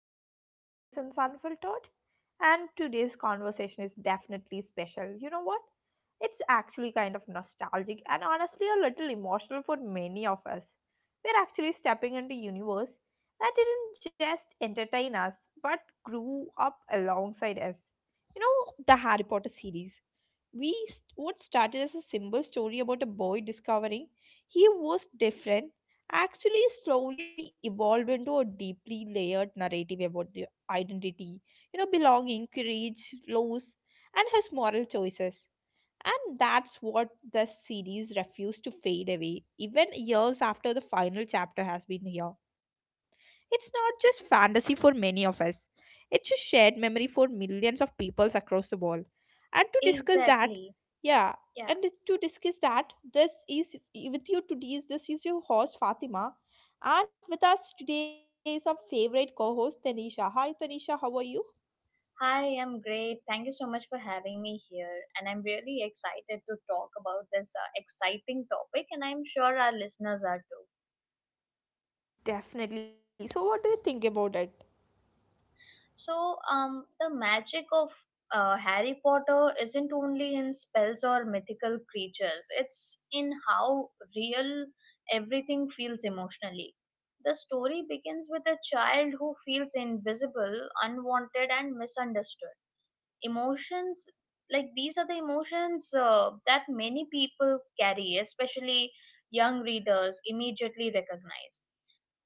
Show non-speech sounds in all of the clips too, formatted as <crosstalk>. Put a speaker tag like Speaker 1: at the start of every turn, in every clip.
Speaker 1: another episode of Cousins Unfiltered. And today's conversation is definitely special. You know what? It's actually kind of nostalgic and honestly a little emotional for many of us. We're actually stepping into universe that didn't just entertain us but grew up alongside us. You know, the Harry Potter series what started as a simple story about a boy discovering he was different actually slowly evolved into a deeply layered narrative about the identity, belonging, courage, loss, and his moral choices. And that's what, the series refused to fade away even years after the final chapter has been here. It's not just fantasy for many of us, it's a shared memory for millions of peoples across the world. And to discuss that,
Speaker 2: Exactly.
Speaker 1: yeah,
Speaker 2: Yeah.
Speaker 1: and to discuss that, this is with you today, is this is your host Fatima. And with us today is our favorite co host Tanisha. Hi Tanisha, how are you?
Speaker 2: Hi, I'm great. Thank you so much for having me here. And I'm really excited to talk about this exciting topic, and I'm sure our listeners are too.
Speaker 1: Definitely. So, what do you think about it?
Speaker 2: So, the magic of Harry Potter isn't only in spells or mythical creatures, it's in how real everything feels emotionally. The story begins with a child who feels invisible, unwanted, and misunderstood emotions like these are the emotions that many people carry especially young readers immediately recognize,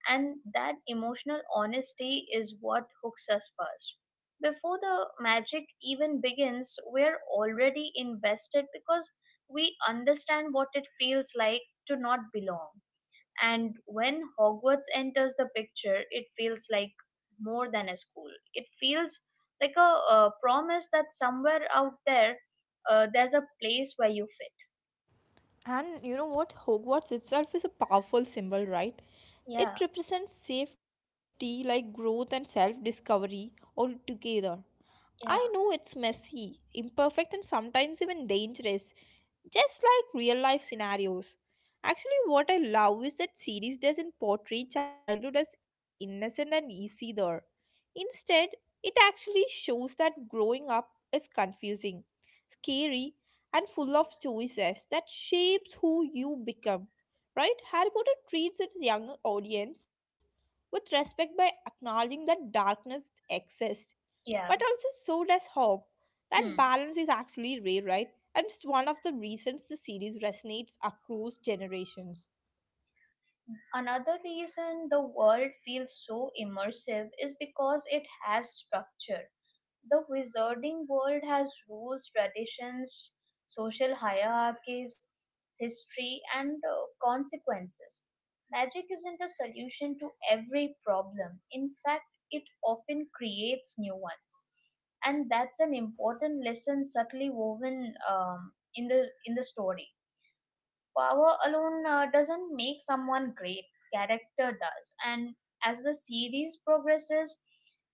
Speaker 2: and that emotional honesty is what hooks us first. Before the magic even begins, we're already invested because we understand what it feels like to not belong. And when Hogwarts enters the picture, it feels like more than a school. It feels like a, promise that somewhere out there, there's a place where you fit.
Speaker 1: And you know what? Hogwarts itself is a powerful symbol, right?
Speaker 2: Yeah,
Speaker 1: It represents safety, like growth and self discovery all together. I know
Speaker 2: yeah,
Speaker 1: it's messy, imperfect, and sometimes even dangerous, just like real life scenarios. Actually, what I love is that series doesn't portray childhood as innocent and easy there. Instead, it actually shows that growing up is confusing, scary, and full of choices that shapes who you become. Right? Harry Potter treats its young audience with respect by acknowledging that darkness exists,
Speaker 2: yeah.
Speaker 1: but also so does hope. That
Speaker 2: Hmm.
Speaker 1: balance is actually rare, right? And it's one of the reasons the series resonates across generations.
Speaker 2: Another reason the world feels so immersive is because it has structure. The wizarding world has rules, traditions, social hierarchies, history, and consequences. Magic isn't a solution to every problem. In fact, it often creates new ones. And that's an important lesson subtly woven in the story. Power alone doesn't make someone great. Character does. And as the series progresses,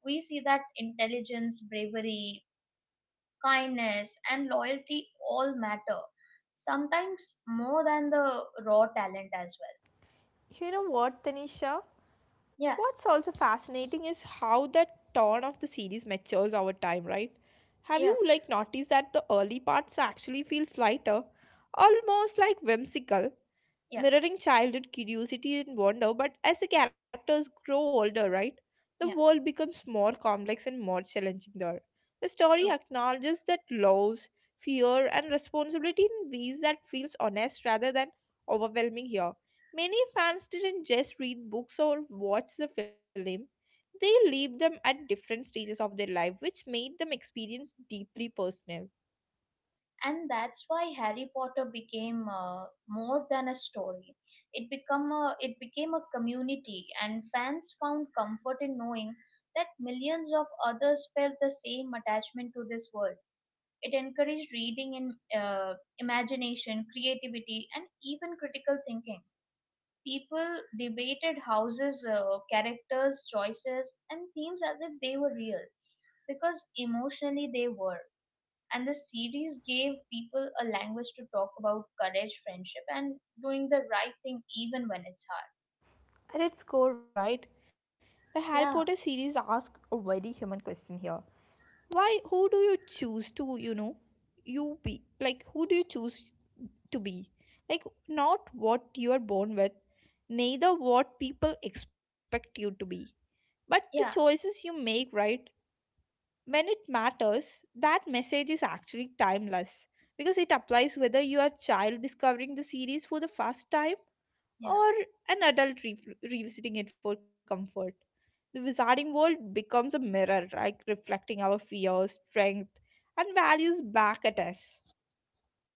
Speaker 2: we see that intelligence, bravery, kindness, and loyalty all matter. Sometimes more than the raw talent as well.
Speaker 1: You know what, Tanisha?
Speaker 2: Yeah,
Speaker 1: What's also fascinating is how the tone of the series matures over time, right? Have
Speaker 2: yeah,
Speaker 1: you like noticed that the early parts actually feels lighter, almost like whimsical,
Speaker 2: yeah,
Speaker 1: mirroring childhood curiosity and wonder, but as the characters grow older, right, the
Speaker 2: yeah,
Speaker 1: world becomes more complex and more challenging there. The story
Speaker 2: true.
Speaker 1: acknowledges that loss, fear, and responsibility in ways that feels honest rather than overwhelming here. Many fans didn't just read books or watch the film. They lived them at different stages of their life, which made them experience deeply personal.
Speaker 2: And that's why Harry Potter became more than a story. It became a community, and fans found comfort in knowing that millions of others felt the same attachment to this world. It encouraged reading in imagination, creativity, and even critical thinking. People debated houses, characters, choices, and themes as if they were real, because emotionally they were. And the series gave people a language to talk about courage, friendship, and doing the right thing even when it's hard.
Speaker 1: At its core, right, the Harry Potter
Speaker 2: Yeah,
Speaker 1: series asks a very human question here. Why, who do you choose to, you be like, who do you choose to be? Like, not what you are born with, neither what people expect you to be, but the
Speaker 2: yeah,
Speaker 1: choices you make, right, when it matters. That message is actually timeless because it applies whether you are a child discovering the series for the first time,
Speaker 2: yeah,
Speaker 1: or an adult revisiting it for comfort. The wizarding world becomes a mirror, like reflecting our fears, strength, and values back at us.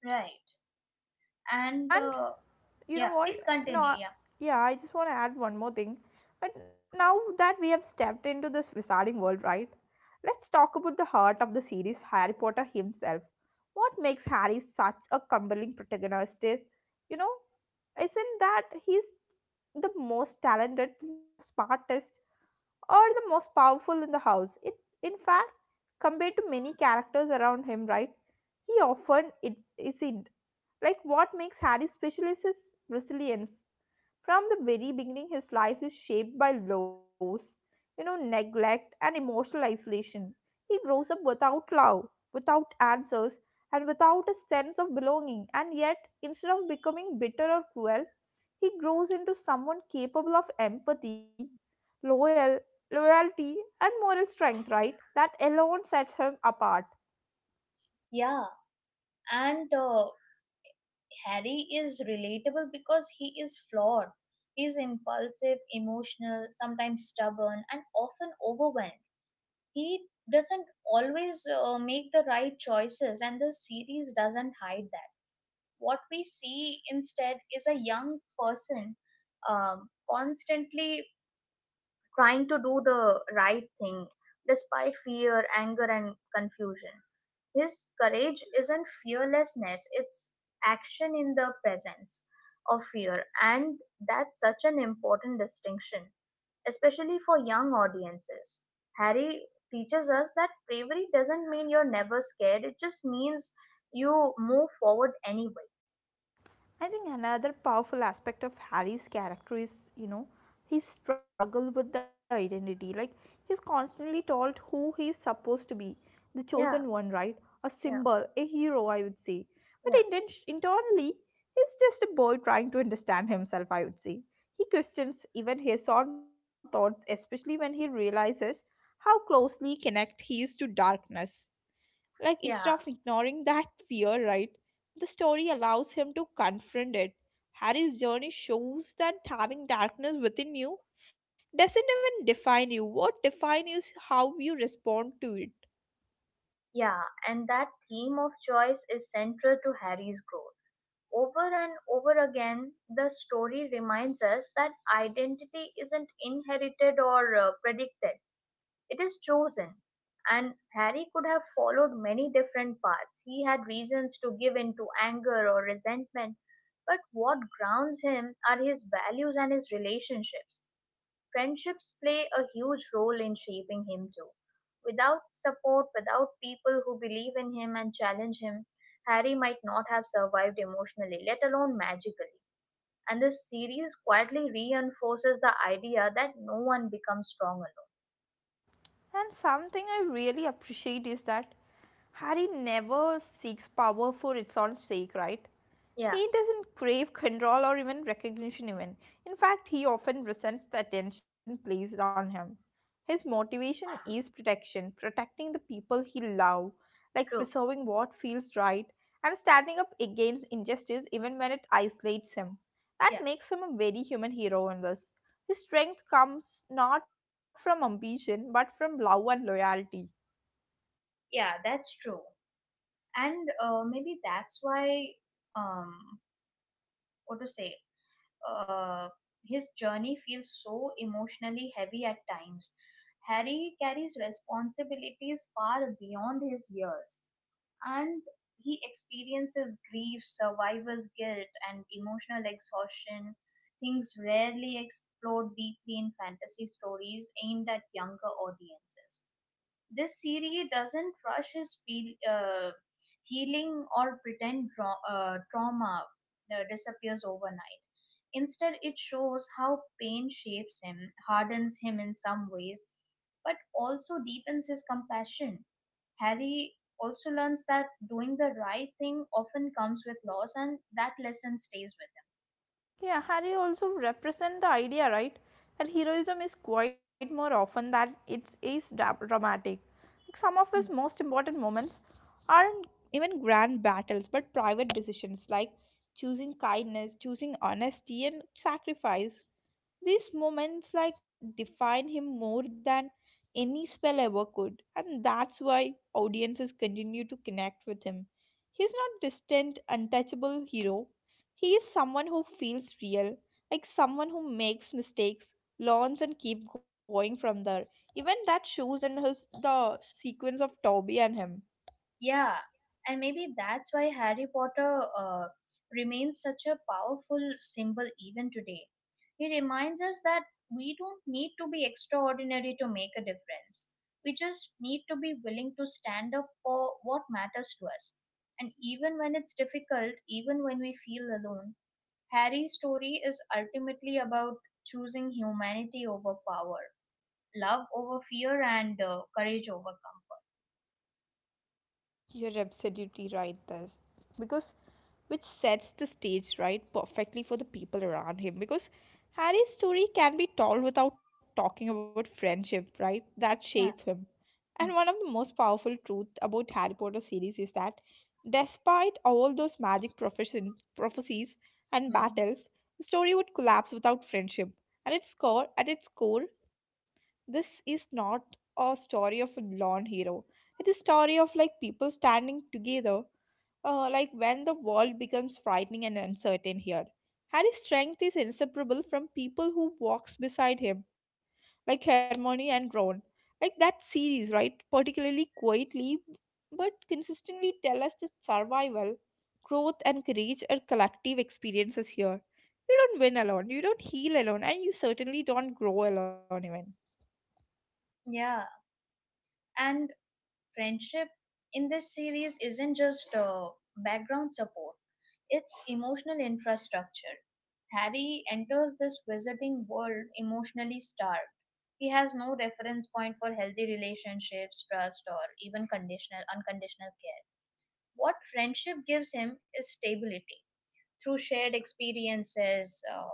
Speaker 2: right. And
Speaker 1: And you
Speaker 2: Yeah,
Speaker 1: know
Speaker 2: please
Speaker 1: what? No,
Speaker 2: continue.
Speaker 1: yeah, I just want to add one more thing. But now that we have stepped into this wizarding world, right? Let's talk about the heart of the series, Harry Potter himself. What makes Harry such a compelling protagonist is, you know, isn't that he's the most talented, smartest, or the most powerful in the house. It, in fact, compared to many characters around him, right? He often it's, isn't. Like what makes Harry special is his resilience. From the very beginning, his life is shaped by lows, neglect and emotional isolation. He grows up without love, without answers, and without a sense of belonging. And yet, instead of becoming bitter or cruel, he grows into someone capable of empathy, loyal, loyalty, and moral strength, right? That alone sets him apart.
Speaker 2: Yeah, yeah. And Harry is relatable because he is flawed. He's impulsive, emotional, sometimes stubborn, and often overwhelmed. He doesn't always make the right choices, and the series doesn't hide that. What we see instead is a young person constantly trying to do the right thing despite fear, anger, and confusion. His courage isn't fearlessness, it's action in the presence of fear, and that's such an important distinction, especially for young audiences. Harry teaches us that bravery doesn't mean you're never scared, it just means you move forward anyway.
Speaker 1: I think another powerful aspect of Harry's character is, his struggle with the identity. Like, he's constantly told who he's supposed to be the chosen
Speaker 2: Yeah,
Speaker 1: one, right? A
Speaker 2: yeah,
Speaker 1: symbol, a hero, I would say. But
Speaker 2: yeah,
Speaker 1: internally, he's just a boy trying to understand himself, I would say. He questions even his own thoughts, especially when he realizes how closely connected he is to darkness. Like, instead of
Speaker 2: yeah,
Speaker 1: ignoring that fear, right, the story allows him to confront it. Harry's journey shows that having darkness within you doesn't even define you. What defines you is how you respond to it.
Speaker 2: yeah. And that theme of choice is central to Harry's growth. Over and over again, the story reminds us that identity isn't inherited or predicted. It is chosen, and Harry could have followed many different paths. He had reasons to give in to anger or resentment, but what grounds him are his values and his relationships. Friendships play a huge role in shaping him too. Without support, without people who believe in him and challenge him, Harry might not have survived emotionally, let alone magically. And this series quietly reinforces the idea that no one becomes strong alone.
Speaker 1: And something I really appreciate is that Harry never seeks power for its own sake, right?
Speaker 2: Yeah,
Speaker 1: He doesn't crave control or even recognition, even. In fact, he often resents the attention placed on him. His motivation is protection, protecting the people he loves, like
Speaker 2: true.
Speaker 1: preserving what feels right, and standing up against injustice even when it isolates him.
Speaker 2: Yeah.
Speaker 1: That makes him a very human hero in this. His strength comes not from ambition but from love and loyalty.
Speaker 2: Yeah, that's true. And maybe that's why, um what to say uh his journey feels so emotionally heavy at times. Harry carries responsibilities far beyond his years, and he experiences grief, survivor's guilt, and emotional exhaustion, things rarely explored deeply in fantasy stories aimed at younger audiences. This series doesn't rush his healing or pretend trauma disappears overnight. Instead, it shows how pain shapes him, hardens him in some ways, but also deepens his compassion. Harry also learns that doing the right thing often comes with loss, and that lesson stays with
Speaker 1: Yeah, Harry also represent the idea, right? That heroism is quite more often that it is dramatic. Like some of his
Speaker 2: him.
Speaker 1: most important moments aren't even grand battles, but private decisions like choosing kindness, choosing honesty, and sacrifice. These moments like define him more than any spell ever could, and that's why audiences continue to connect with him. He's not distant, untouchable hero. He is someone who feels real, like someone who makes mistakes, learns and keep going from there. Even that shows in his the sequence of Toby and him.
Speaker 2: Yeah, and maybe that's why Harry Potter remains such a powerful symbol even today. He reminds us that we don't need to be extraordinary to make a difference. We just need to be willing to stand up for what matters to us. And even when it's difficult, even when we feel alone, Harry's story is ultimately about choosing humanity over power, love over fear, and courage over comfort.
Speaker 1: You're absolutely right, this because which sets the stage right perfectly for the people around him, because Harry's story can be told without talking about friendship, right? That shape
Speaker 2: Yeah.
Speaker 1: him.
Speaker 2: Hmm.
Speaker 1: And one of the most powerful truth about Harry Potter series is that, despite all those magic profession, prophecies and
Speaker 2: Hmm.
Speaker 1: battles, the story would collapse without friendship. At its core, this is not a story of a lone hero. It is a story of like people standing together, like when the world becomes frightening and uncertain here. Harry's strength is inseparable from people who walks beside him, like Hermione and Ron. Like that series, right? Particularly quietly, but consistently tell us that survival, growth, and courage are collective experiences here. You don't win alone, you don't heal alone, and you certainly don't grow alone even.
Speaker 2: Yeah. And friendship in this series isn't just background support, it's emotional infrastructure. Harry enters this visiting world emotionally starved. He has no reference point for healthy relationships, trust, or even conditional unconditional care. What friendship gives him is stability through shared experiences,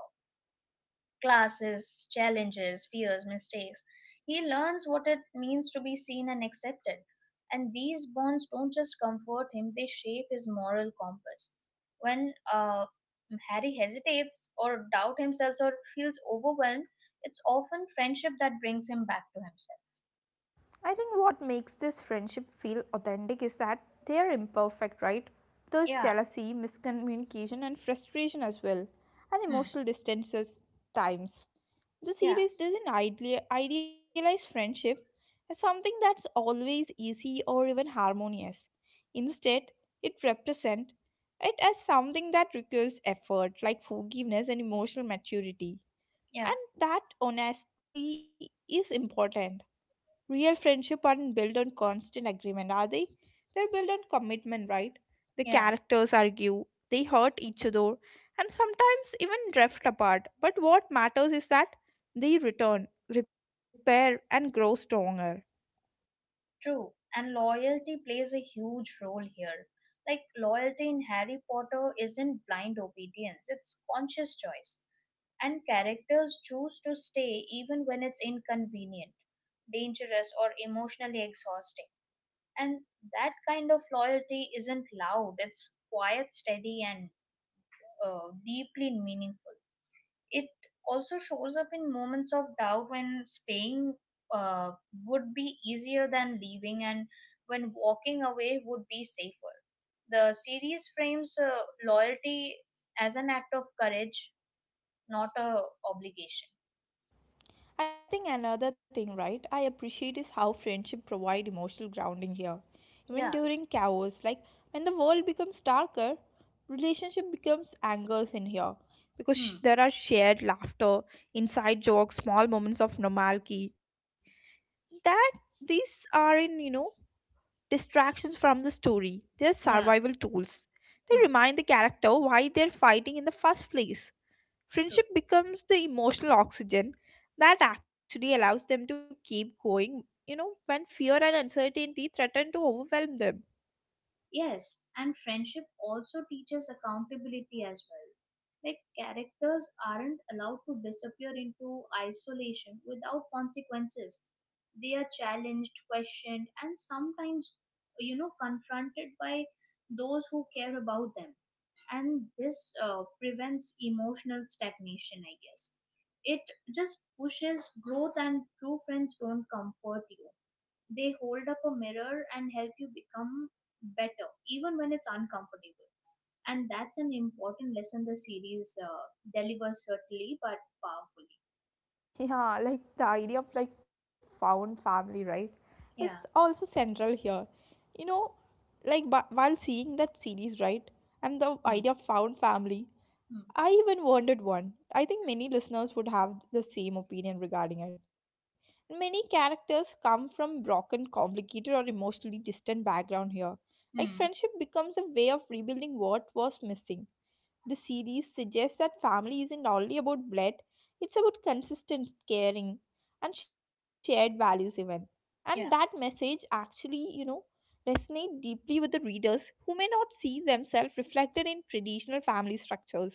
Speaker 2: classes, challenges, fears, mistakes. He learns what it means to be seen and accepted. And these bonds don't just comfort him, they shape his moral compass. When Harry hesitates or doubt himself or feels overwhelmed, it's often friendship that brings him back to himself.
Speaker 1: I think what makes this friendship feel authentic is that they are imperfect, right? There's
Speaker 2: Yeah,
Speaker 1: jealousy, miscommunication, and frustration as well, and
Speaker 2: hmm,
Speaker 1: emotional distances times. The
Speaker 2: yeah,
Speaker 1: series doesn't idealize friendship as something that's always easy or even harmonious. Instead, it represents it as something that requires effort, like forgiveness and emotional maturity.
Speaker 2: yeah,
Speaker 1: And that honestly is important. Real friendship aren't built on constant agreement, are they? They're built on commitment, right? The
Speaker 2: yeah,
Speaker 1: characters argue, they hurt each other, and sometimes even drift apart. But what matters is that they return, repair, and grow stronger.
Speaker 2: true. And loyalty plays a huge role here. Like, loyalty in Harry Potter isn't blind obedience, it's conscious choice. And characters choose to stay even when it's inconvenient, dangerous, or emotionally exhausting. And that kind of loyalty isn't loud, it's quiet, steady, and deeply meaningful. It also shows up in moments of doubt, when staying uh, would be easier than leaving and when walking away would be safer. The series frames loyalty as an act of courage, not a obligation.
Speaker 1: I think another thing, right, I appreciate is how friendship provide emotional grounding here. Even
Speaker 2: Yeah.
Speaker 1: during chaos, like when the world becomes darker, relationship becomes angles in here, because
Speaker 2: Hmm.
Speaker 1: there are shared laughter, inside jokes, small moments of normality. That these are in distractions from the story. They're
Speaker 2: Yeah,
Speaker 1: survival tools. They
Speaker 2: hmm,
Speaker 1: remind the character why they're fighting in the first place.
Speaker 2: true.
Speaker 1: Friendship becomes the emotional oxygen that actually allows them to keep going, when fear and uncertainty threaten to overwhelm them.
Speaker 2: Yes, and friendship also teaches accountability as well. Like, characters aren't allowed to disappear into isolation without consequences. They are challenged, questioned, and sometimes, you know, confronted by those who care about them. And this prevents emotional stagnation, I guess. It just pushes growth, and true friends don't comfort you, they hold up a mirror and help you become better, even when it's uncomfortable. And that's an important lesson the series delivers, certainly, but powerfully.
Speaker 1: Yeah, like the idea of like found family, right? Is
Speaker 2: Yeah.
Speaker 1: also central here. You know, like while seeing that series, right, and the
Speaker 2: Hmm.
Speaker 1: idea of found family,
Speaker 2: Hmm.
Speaker 1: I even wanted one. I think many listeners would have the same opinion regarding it. Many characters come from broken, complicated, or emotionally distant background here. Like
Speaker 2: Hmm.
Speaker 1: friendship becomes a way of rebuilding what was missing. The series suggests that family isn't only about blood; it's about consistent caring and shared values even. And that
Speaker 2: Yeah.
Speaker 1: message actually, resonate deeply with the readers who may not see themselves reflected in traditional family structures.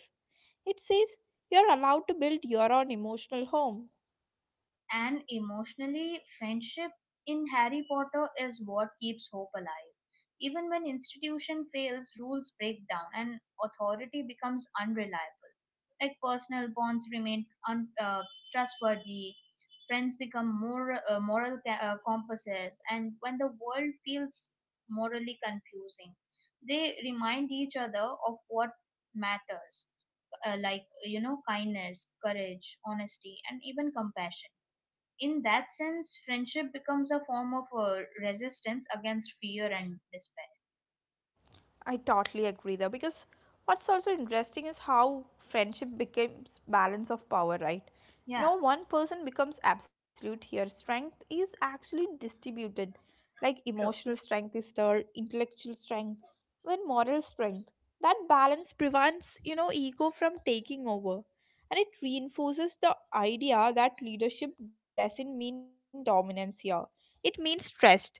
Speaker 1: It says you're allowed to build your own emotional home.
Speaker 2: And emotionally, friendship in Harry Potter is what keeps hope alive. Even when institution fails, rules break down, and authority becomes unreliable. Like personal bonds remain trustworthy, friends become more moral compasses, and when the world feels morally confusing, they remind each other of what matters, like you know, kindness, courage, honesty, and even compassion. In that sense, friendship becomes a form of resistance against fear and despair.
Speaker 1: I totally agree there, because what's also interesting is how friendship becomes balance of power, right? No
Speaker 2: Yeah,
Speaker 1: one person becomes absolute here. Strength is actually distributed. Like emotional
Speaker 2: true.
Speaker 1: strength is there, intellectual strength, even moral strength. That balance prevents, ego from taking over. And it reinforces the idea that leadership doesn't mean dominance here. It means trust.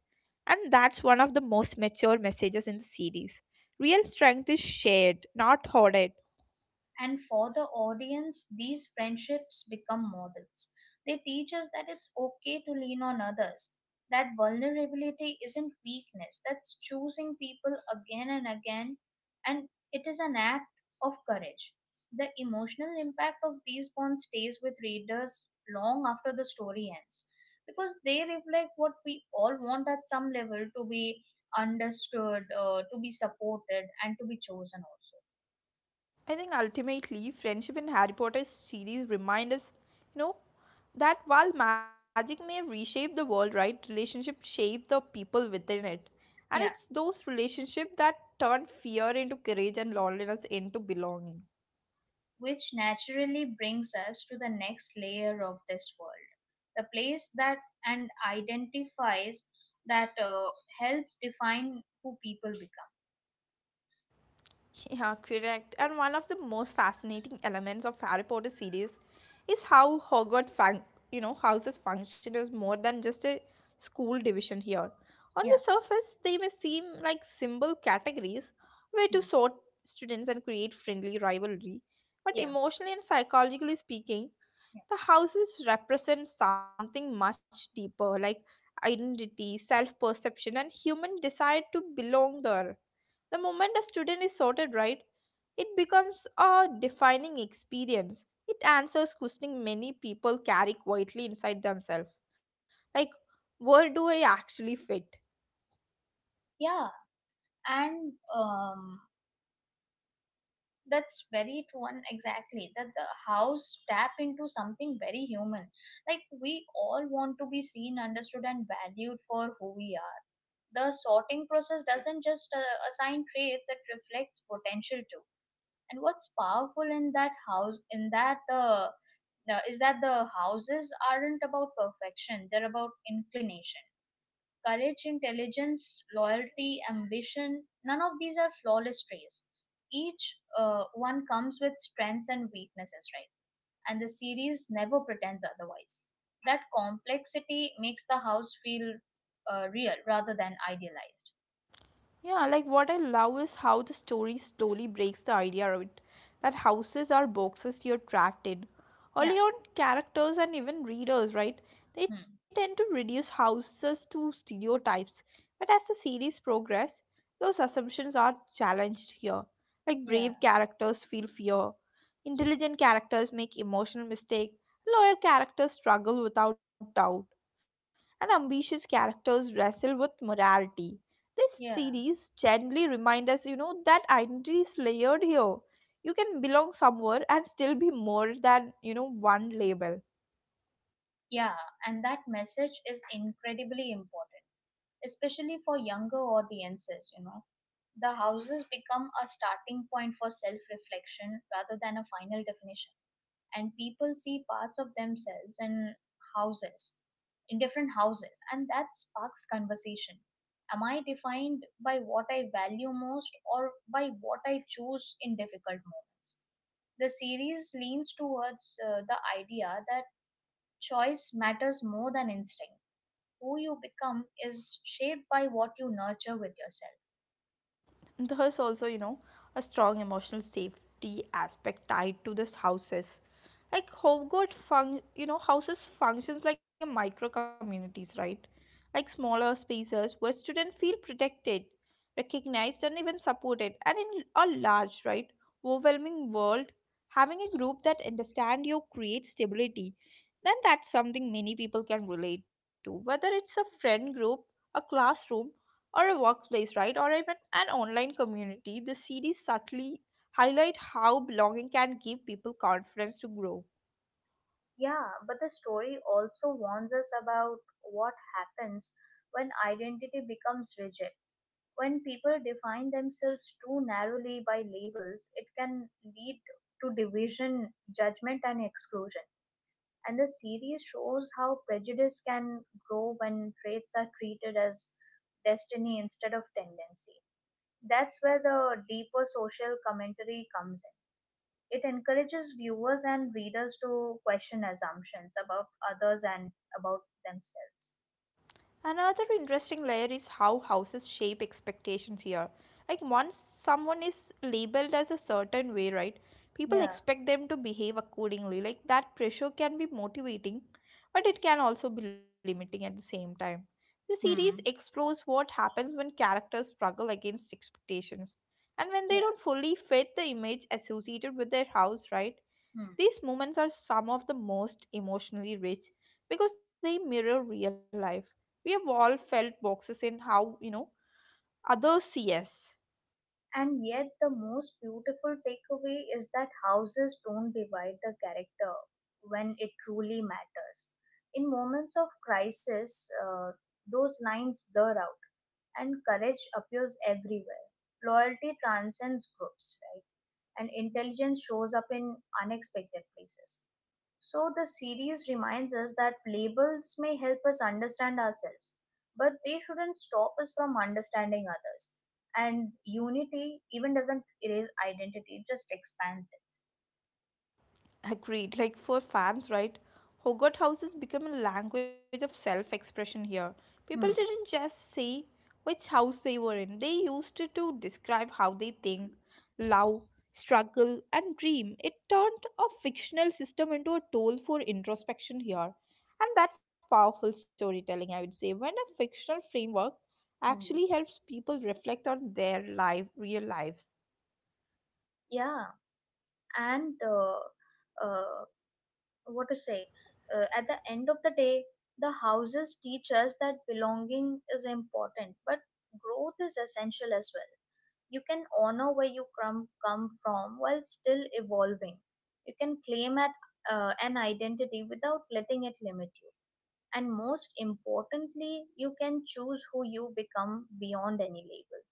Speaker 1: And that's one of the most mature messages in the series. Real strength is shared, not hoarded.
Speaker 2: And for the audience, these friendships become models. They teach us that it's okay to lean on others, that vulnerability isn't weakness, that's choosing people again and again, and it is an act of courage. The emotional impact of these bonds stays with readers long after the story ends because they reflect what we all want at some level: to be understood, to be supported, and to be chosen also.
Speaker 1: I think ultimately, friendship in Harry Potter series remind us, you know, that while magic may reshape the world, right, relationship shape the people within it. And it's
Speaker 2: Yeah,
Speaker 1: those relationships that turn fear into courage and loneliness into belonging.
Speaker 2: which naturally brings us to the next layer of this world, the place that and identifies that help define who people become.
Speaker 1: Yeah, correct. And one of the most fascinating elements of Harry Potter series is how Hogwarts houses function as more than just a school division here. On the
Speaker 2: Yeah.
Speaker 1: surface, they may seem like simple categories where to
Speaker 2: Hmm.
Speaker 1: sort students and create friendly rivalry, but
Speaker 2: Yeah.
Speaker 1: emotionally and psychologically speaking,
Speaker 2: Yeah.
Speaker 1: the houses represent something much deeper, like identity, self perception, and human desire to belong there. The moment a student is sorted, right, it becomes a defining experience. It answers questioning many people carry quietly inside themselves, like where do I actually fit?
Speaker 2: Yeah. And that's very true, and exactly that. The house tap into something very human. Like we all want to be seen, understood, and valued for who we are. The sorting process doesn't just assign traits, it reflects potential too. And what's powerful in that house in that the- is that the houses aren't about perfection, they're about inclination. Courage, intelligence, loyalty, ambition, none of these are flawless traits. Each one comes with strengths and weaknesses, right? And the series never pretends otherwise. That complexity makes the house feel real rather than idealized.
Speaker 1: Yeah, like what I love is how the story slowly breaks the idea of it that houses are boxes you're trapped in.
Speaker 2: Yeah.
Speaker 1: Early on, characters and even readers, right, they tend
Speaker 2: Hmm.
Speaker 1: to reduce houses to stereotypes. But as the series progresses, those assumptions are challenged here. Like
Speaker 2: Yeah,
Speaker 1: brave characters feel fear, intelligent characters make emotional mistakes, loyal characters struggle without doubt, and ambitious characters wrestle with morality. This
Speaker 2: yeah,
Speaker 1: series gently reminds us, that identity is layered here. You can belong somewhere and still be more than, one label.
Speaker 2: yeah. And that message is incredibly important, especially for younger audiences, you know. The houses become a starting point for self reflection rather than a final definition, and people see parts of themselves in houses, in different houses, and that sparks conversation. Am I defined by what I value most or by what I choose in difficult moments? The series leans towards the idea that choice matters more than instinct. Who you become is shaped by what you nurture with yourself.
Speaker 1: There's also, a strong emotional safety aspect tied to this houses. Like Hobgot fun, you know, houses functions like a micro communities, right, like smaller spaces where students feel protected, recognized, and even supported. And in a large, right, overwhelming world, having a group that understand you creates stability. Then that's something many people can relate to, whether it's a friend group, a classroom, or a workplace, right, or even an online community. The series subtly highlight how belonging can give people confidence to grow.
Speaker 2: Yeah, but the story also warns us about what happens when identity becomes rigid. When people define themselves too narrowly by labels, it can lead to division, judgment, and exclusion. And the series shows how prejudice can grow when traits are treated as destiny instead of tendency. That's where the deeper social commentary comes in. It encourages viewers and readers to question assumptions about others and about themselves.
Speaker 1: Another interesting layer is how houses shape expectations here. Like once someone is labeled as a certain way, right? People
Speaker 2: Yeah.
Speaker 1: expect them to behave accordingly. Like that pressure can be motivating, but it can also be limiting at the same time. The series
Speaker 2: Hmm.
Speaker 1: explores what happens when characters struggle against expectations and when they
Speaker 2: Yeah.
Speaker 1: don't fully fit the image associated with their house, right?
Speaker 2: Hmm.
Speaker 1: These moments are some of the most emotionally rich because they mirror real life. We have all felt boxes in how, others see us.
Speaker 2: And yet, the most beautiful takeaway is that houses don't divide the character when it truly matters. In moments of crisis, those lines blur out, and courage appears everywhere. Loyalty transcends groups, right? And intelligence shows up in unexpected places. So the series reminds us that labels may help us understand ourselves, but they shouldn't stop us from understanding others. And unity even doesn't erase identity, it just expands it.
Speaker 1: Agreed. Like for fans, right? Hogwarts houses become a language of self expression here. People didn't
Speaker 2: Hmm.
Speaker 1: just say which house they were in, they used it to describe how they think, love, struggle, and dream. It turned a fictional system into a tool for introspection here. And that's powerful storytelling, I would say. When a fictional framework
Speaker 2: Hmm.
Speaker 1: actually helps people reflect on their life, real lives.
Speaker 2: Yeah, and uh, what to say? At the end of the day, the houses teach us that belonging is important, but growth is essential as well. You can honor where you come from while still evolving. You can claim at an identity without letting it limit you. And most importantly, you can choose who you become beyond any label.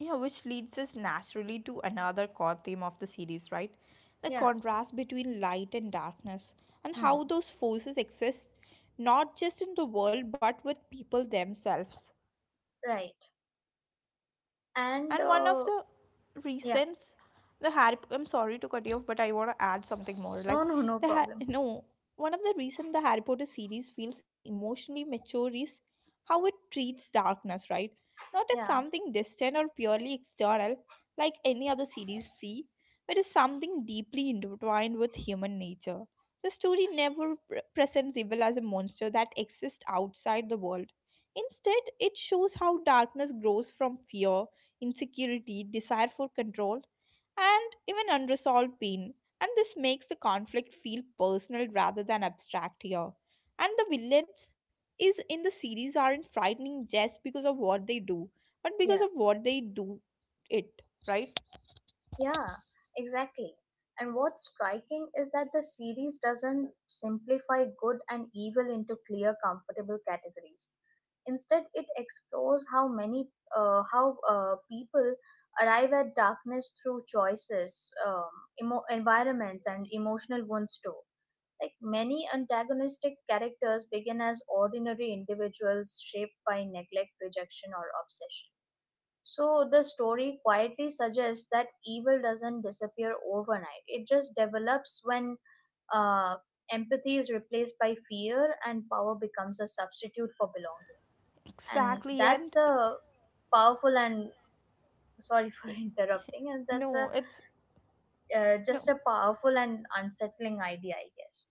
Speaker 1: Yeah, which leads us naturally to another core theme of the series, right? The
Speaker 2: Yeah.
Speaker 1: contrast between light and darkness, and
Speaker 2: Hmm.
Speaker 1: how those forces exist not just in the world but with people themselves.
Speaker 2: Right. And
Speaker 1: And one of the
Speaker 2: yeah.
Speaker 1: reasons the Harry, I'm sorry to cut you off, but I want to add something more.
Speaker 2: No.
Speaker 1: Like
Speaker 2: No. No problem.
Speaker 1: no, one of the reason the Harry Potter series feels emotionally mature is how it treats darkness, right? Not as
Speaker 2: Yeah.
Speaker 1: something distant or purely external, like any other series see, but as something deeply intertwined with human nature. The story never presents evil as a monster that exists outside the world. Instead, it shows how darkness grows from fear, insecurity, desire for control, and even unresolved pain. And this makes the conflict feel personal rather than abstract here. And the villains is in the series aren't frightening just because of what they do, but because
Speaker 2: Yeah.
Speaker 1: of what they do it, right?
Speaker 2: Yeah, exactly. And what's striking is that the series doesn't simplify good and evil into clear, comfortable categories. Instead, it explores how people arrive at darkness through choices, environments, and emotional wounds too. Like many antagonistic characters begin as ordinary individuals shaped by neglect, rejection, or obsession. So the story quietly suggests that evil doesn't disappear overnight. It just develops when uh, empathy is replaced by fear and power becomes a substitute for belonging. And
Speaker 1: Exactly,
Speaker 2: that's
Speaker 1: and
Speaker 2: a powerful and sorry for <laughs> interrupting. And that's a
Speaker 1: no, it's
Speaker 2: uh,
Speaker 1: no.
Speaker 2: just a powerful and unsettling idea, I guess.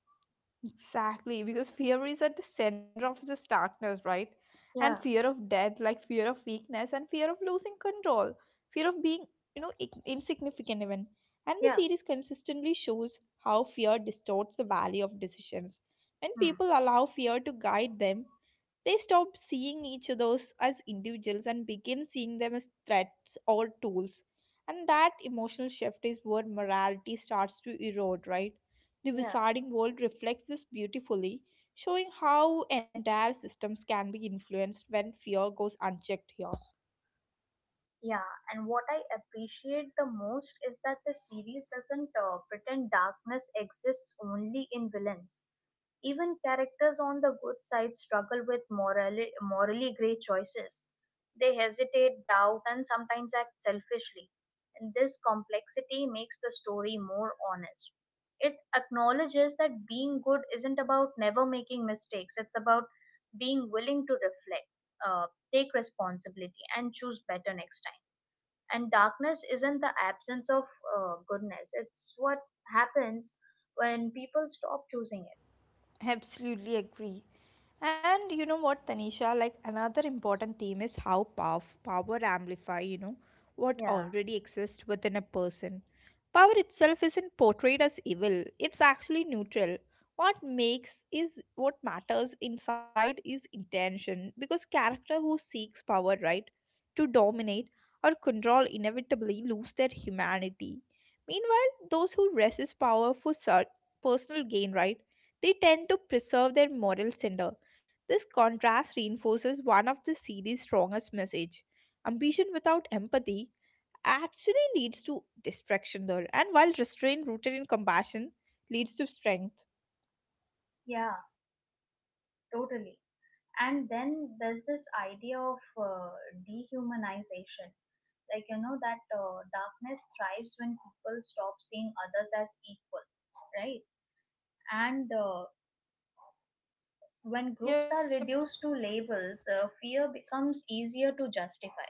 Speaker 1: Exactly, because fear is at the center of this darkness, right? And
Speaker 2: Yeah,
Speaker 1: fear of death, like fear of weakness, and fear of losing control, fear of being, insignificant even. And the
Speaker 2: yeah,
Speaker 1: series consistently shows how fear distorts the value of decisions. When
Speaker 2: hmm,
Speaker 1: people allow fear to guide them, they stop seeing each other as individuals and begin seeing them as threats or tools. And that emotional shift is where morality starts to erode, right? The
Speaker 2: yeah,
Speaker 1: wizarding world reflects this beautifully, showing how entire systems can be influenced when fear goes unchecked here.
Speaker 2: yeah. And what I appreciate the most is that the series doesn't pretend darkness exists only in villains. Even characters on the good side struggle with morally gray choices. They hesitate, doubt, and sometimes act selfishly. And this complexity makes the story more honest. It acknowledges that being good isn't about never making mistakes, it's about being willing to reflect, uh, take responsibility, and choose better next time. And darkness isn't the absence of goodness, it's what happens when people stop choosing
Speaker 1: Absolutely agree. And you know what, Tanisha, like another important theme is how power amplify,
Speaker 2: it.
Speaker 1: what
Speaker 2: Yeah.
Speaker 1: already exists within a person. Power itself isn't portrayed as evil. It's actually neutral. What makes is what matters inside is intention, because character who seeks power, right, to dominate or control inevitably lose their humanity. Meanwhile, those who resist power for personal gain, right, they tend to preserve their moral center. This contrast reinforces one of the series' strongest message. Ambition without empathy actually leads to destruction there, and while restraint rooted in compassion leads to strength.
Speaker 2: Yeah, totally. And then there's this idea of dehumanization. Like, you know, that darkness thrives when people stop seeing others as equal, right? And when groups
Speaker 1: Yep.
Speaker 2: are reduced to labels, fear becomes easier to justify.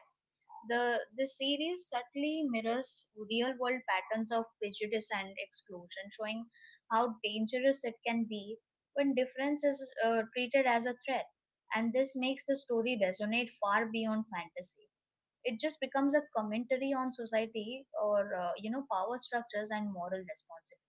Speaker 2: The series subtly mirrors real world patterns of prejudice and exclusion, showing how dangerous it can be when difference is treated as a threat. And this makes the story resonate far beyond fantasy. It just becomes a commentary on society or you know, power structures and moral responsibility.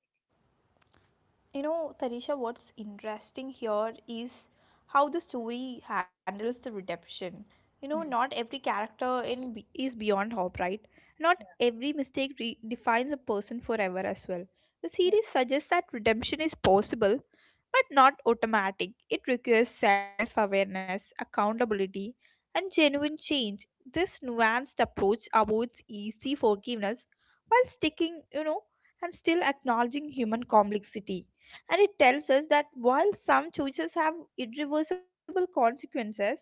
Speaker 1: You know, Tarisha, what's interesting here is how the story handles the redemption. You know, not
Speaker 2: Hmm.
Speaker 1: every character is beyond hope, right? Not
Speaker 2: Yeah,
Speaker 1: every mistake defines a person forever as well. The series suggests that redemption is possible, but not automatic. It requires self-awareness, accountability, and genuine change. This nuanced approach avoids easy forgiveness while sticking, and still acknowledging human complexity. And it tells us that while some choices have irreversible consequences,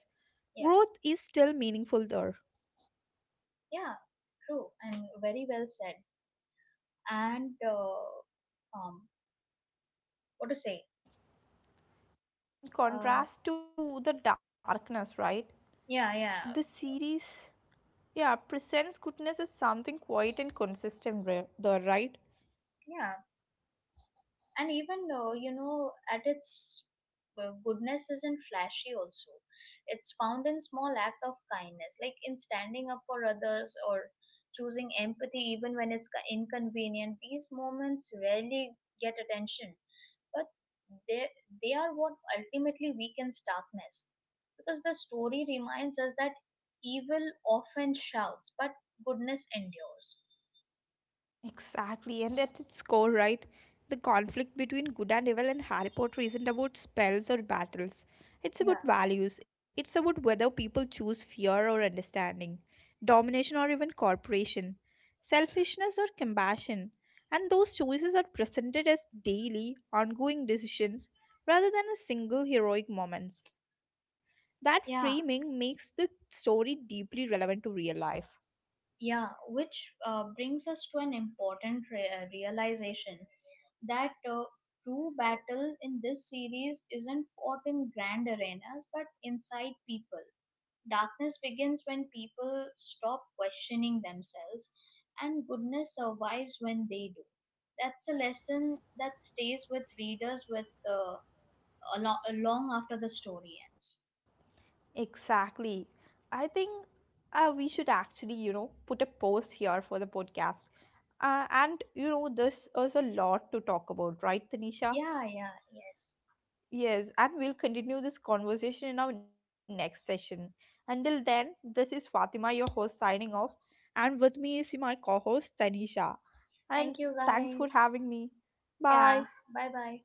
Speaker 2: yeah,
Speaker 1: growth is still meaningful there.
Speaker 2: yeah, yeah. True and very well said. And what to say?
Speaker 1: In
Speaker 2: Uh,
Speaker 1: contrast to the darkness, right?
Speaker 2: yeah,
Speaker 1: The
Speaker 2: yeah,
Speaker 1: series, yeah, presents goodness as something quiet and consistent, there, right?
Speaker 2: yeah. And even you know at its goodness isn't flashy also, it's found in small act of kindness, like in standing up for others or choosing empathy even when it's inconvenient. These moments rarely get attention, but they they are what ultimately weakens darkness, because the story reminds us that evil often shouts but goodness endures.
Speaker 1: Exactly, and at its core, right, the conflict between good and evil in Harry Potter isn't about spells or battles.
Speaker 2: Yeah.
Speaker 1: It's about values. It's about whether people choose fear or understanding, domination or even corporation, selfishness or compassion. And those choices are presented as daily, ongoing decisions rather than as single heroic moments. That
Speaker 2: Yeah.
Speaker 1: framing makes the story deeply relevant to real life.
Speaker 2: Yeah, which brings us to an important realization that true battle in this series isn't fought in grand arenas but inside people. Darkness begins when people stop questioning themselves, and goodness survives when they do. That's a lesson that stays with readers with long after the story ends.
Speaker 1: Exactly. I think we should actually, put a pause here for the podcast. And this is a lot to talk about, right, Tanisha?
Speaker 2: Yeah, yeah, yes.
Speaker 1: Yes, and we'll continue this conversation in our next session. Until then, this is Fatima, your host, signing off. And with me is my co host, Tanisha. And
Speaker 2: Thank you
Speaker 1: thanks for
Speaker 2: guys.
Speaker 1: having me.
Speaker 2: Yeah,
Speaker 1: Bye.
Speaker 2: bye bye.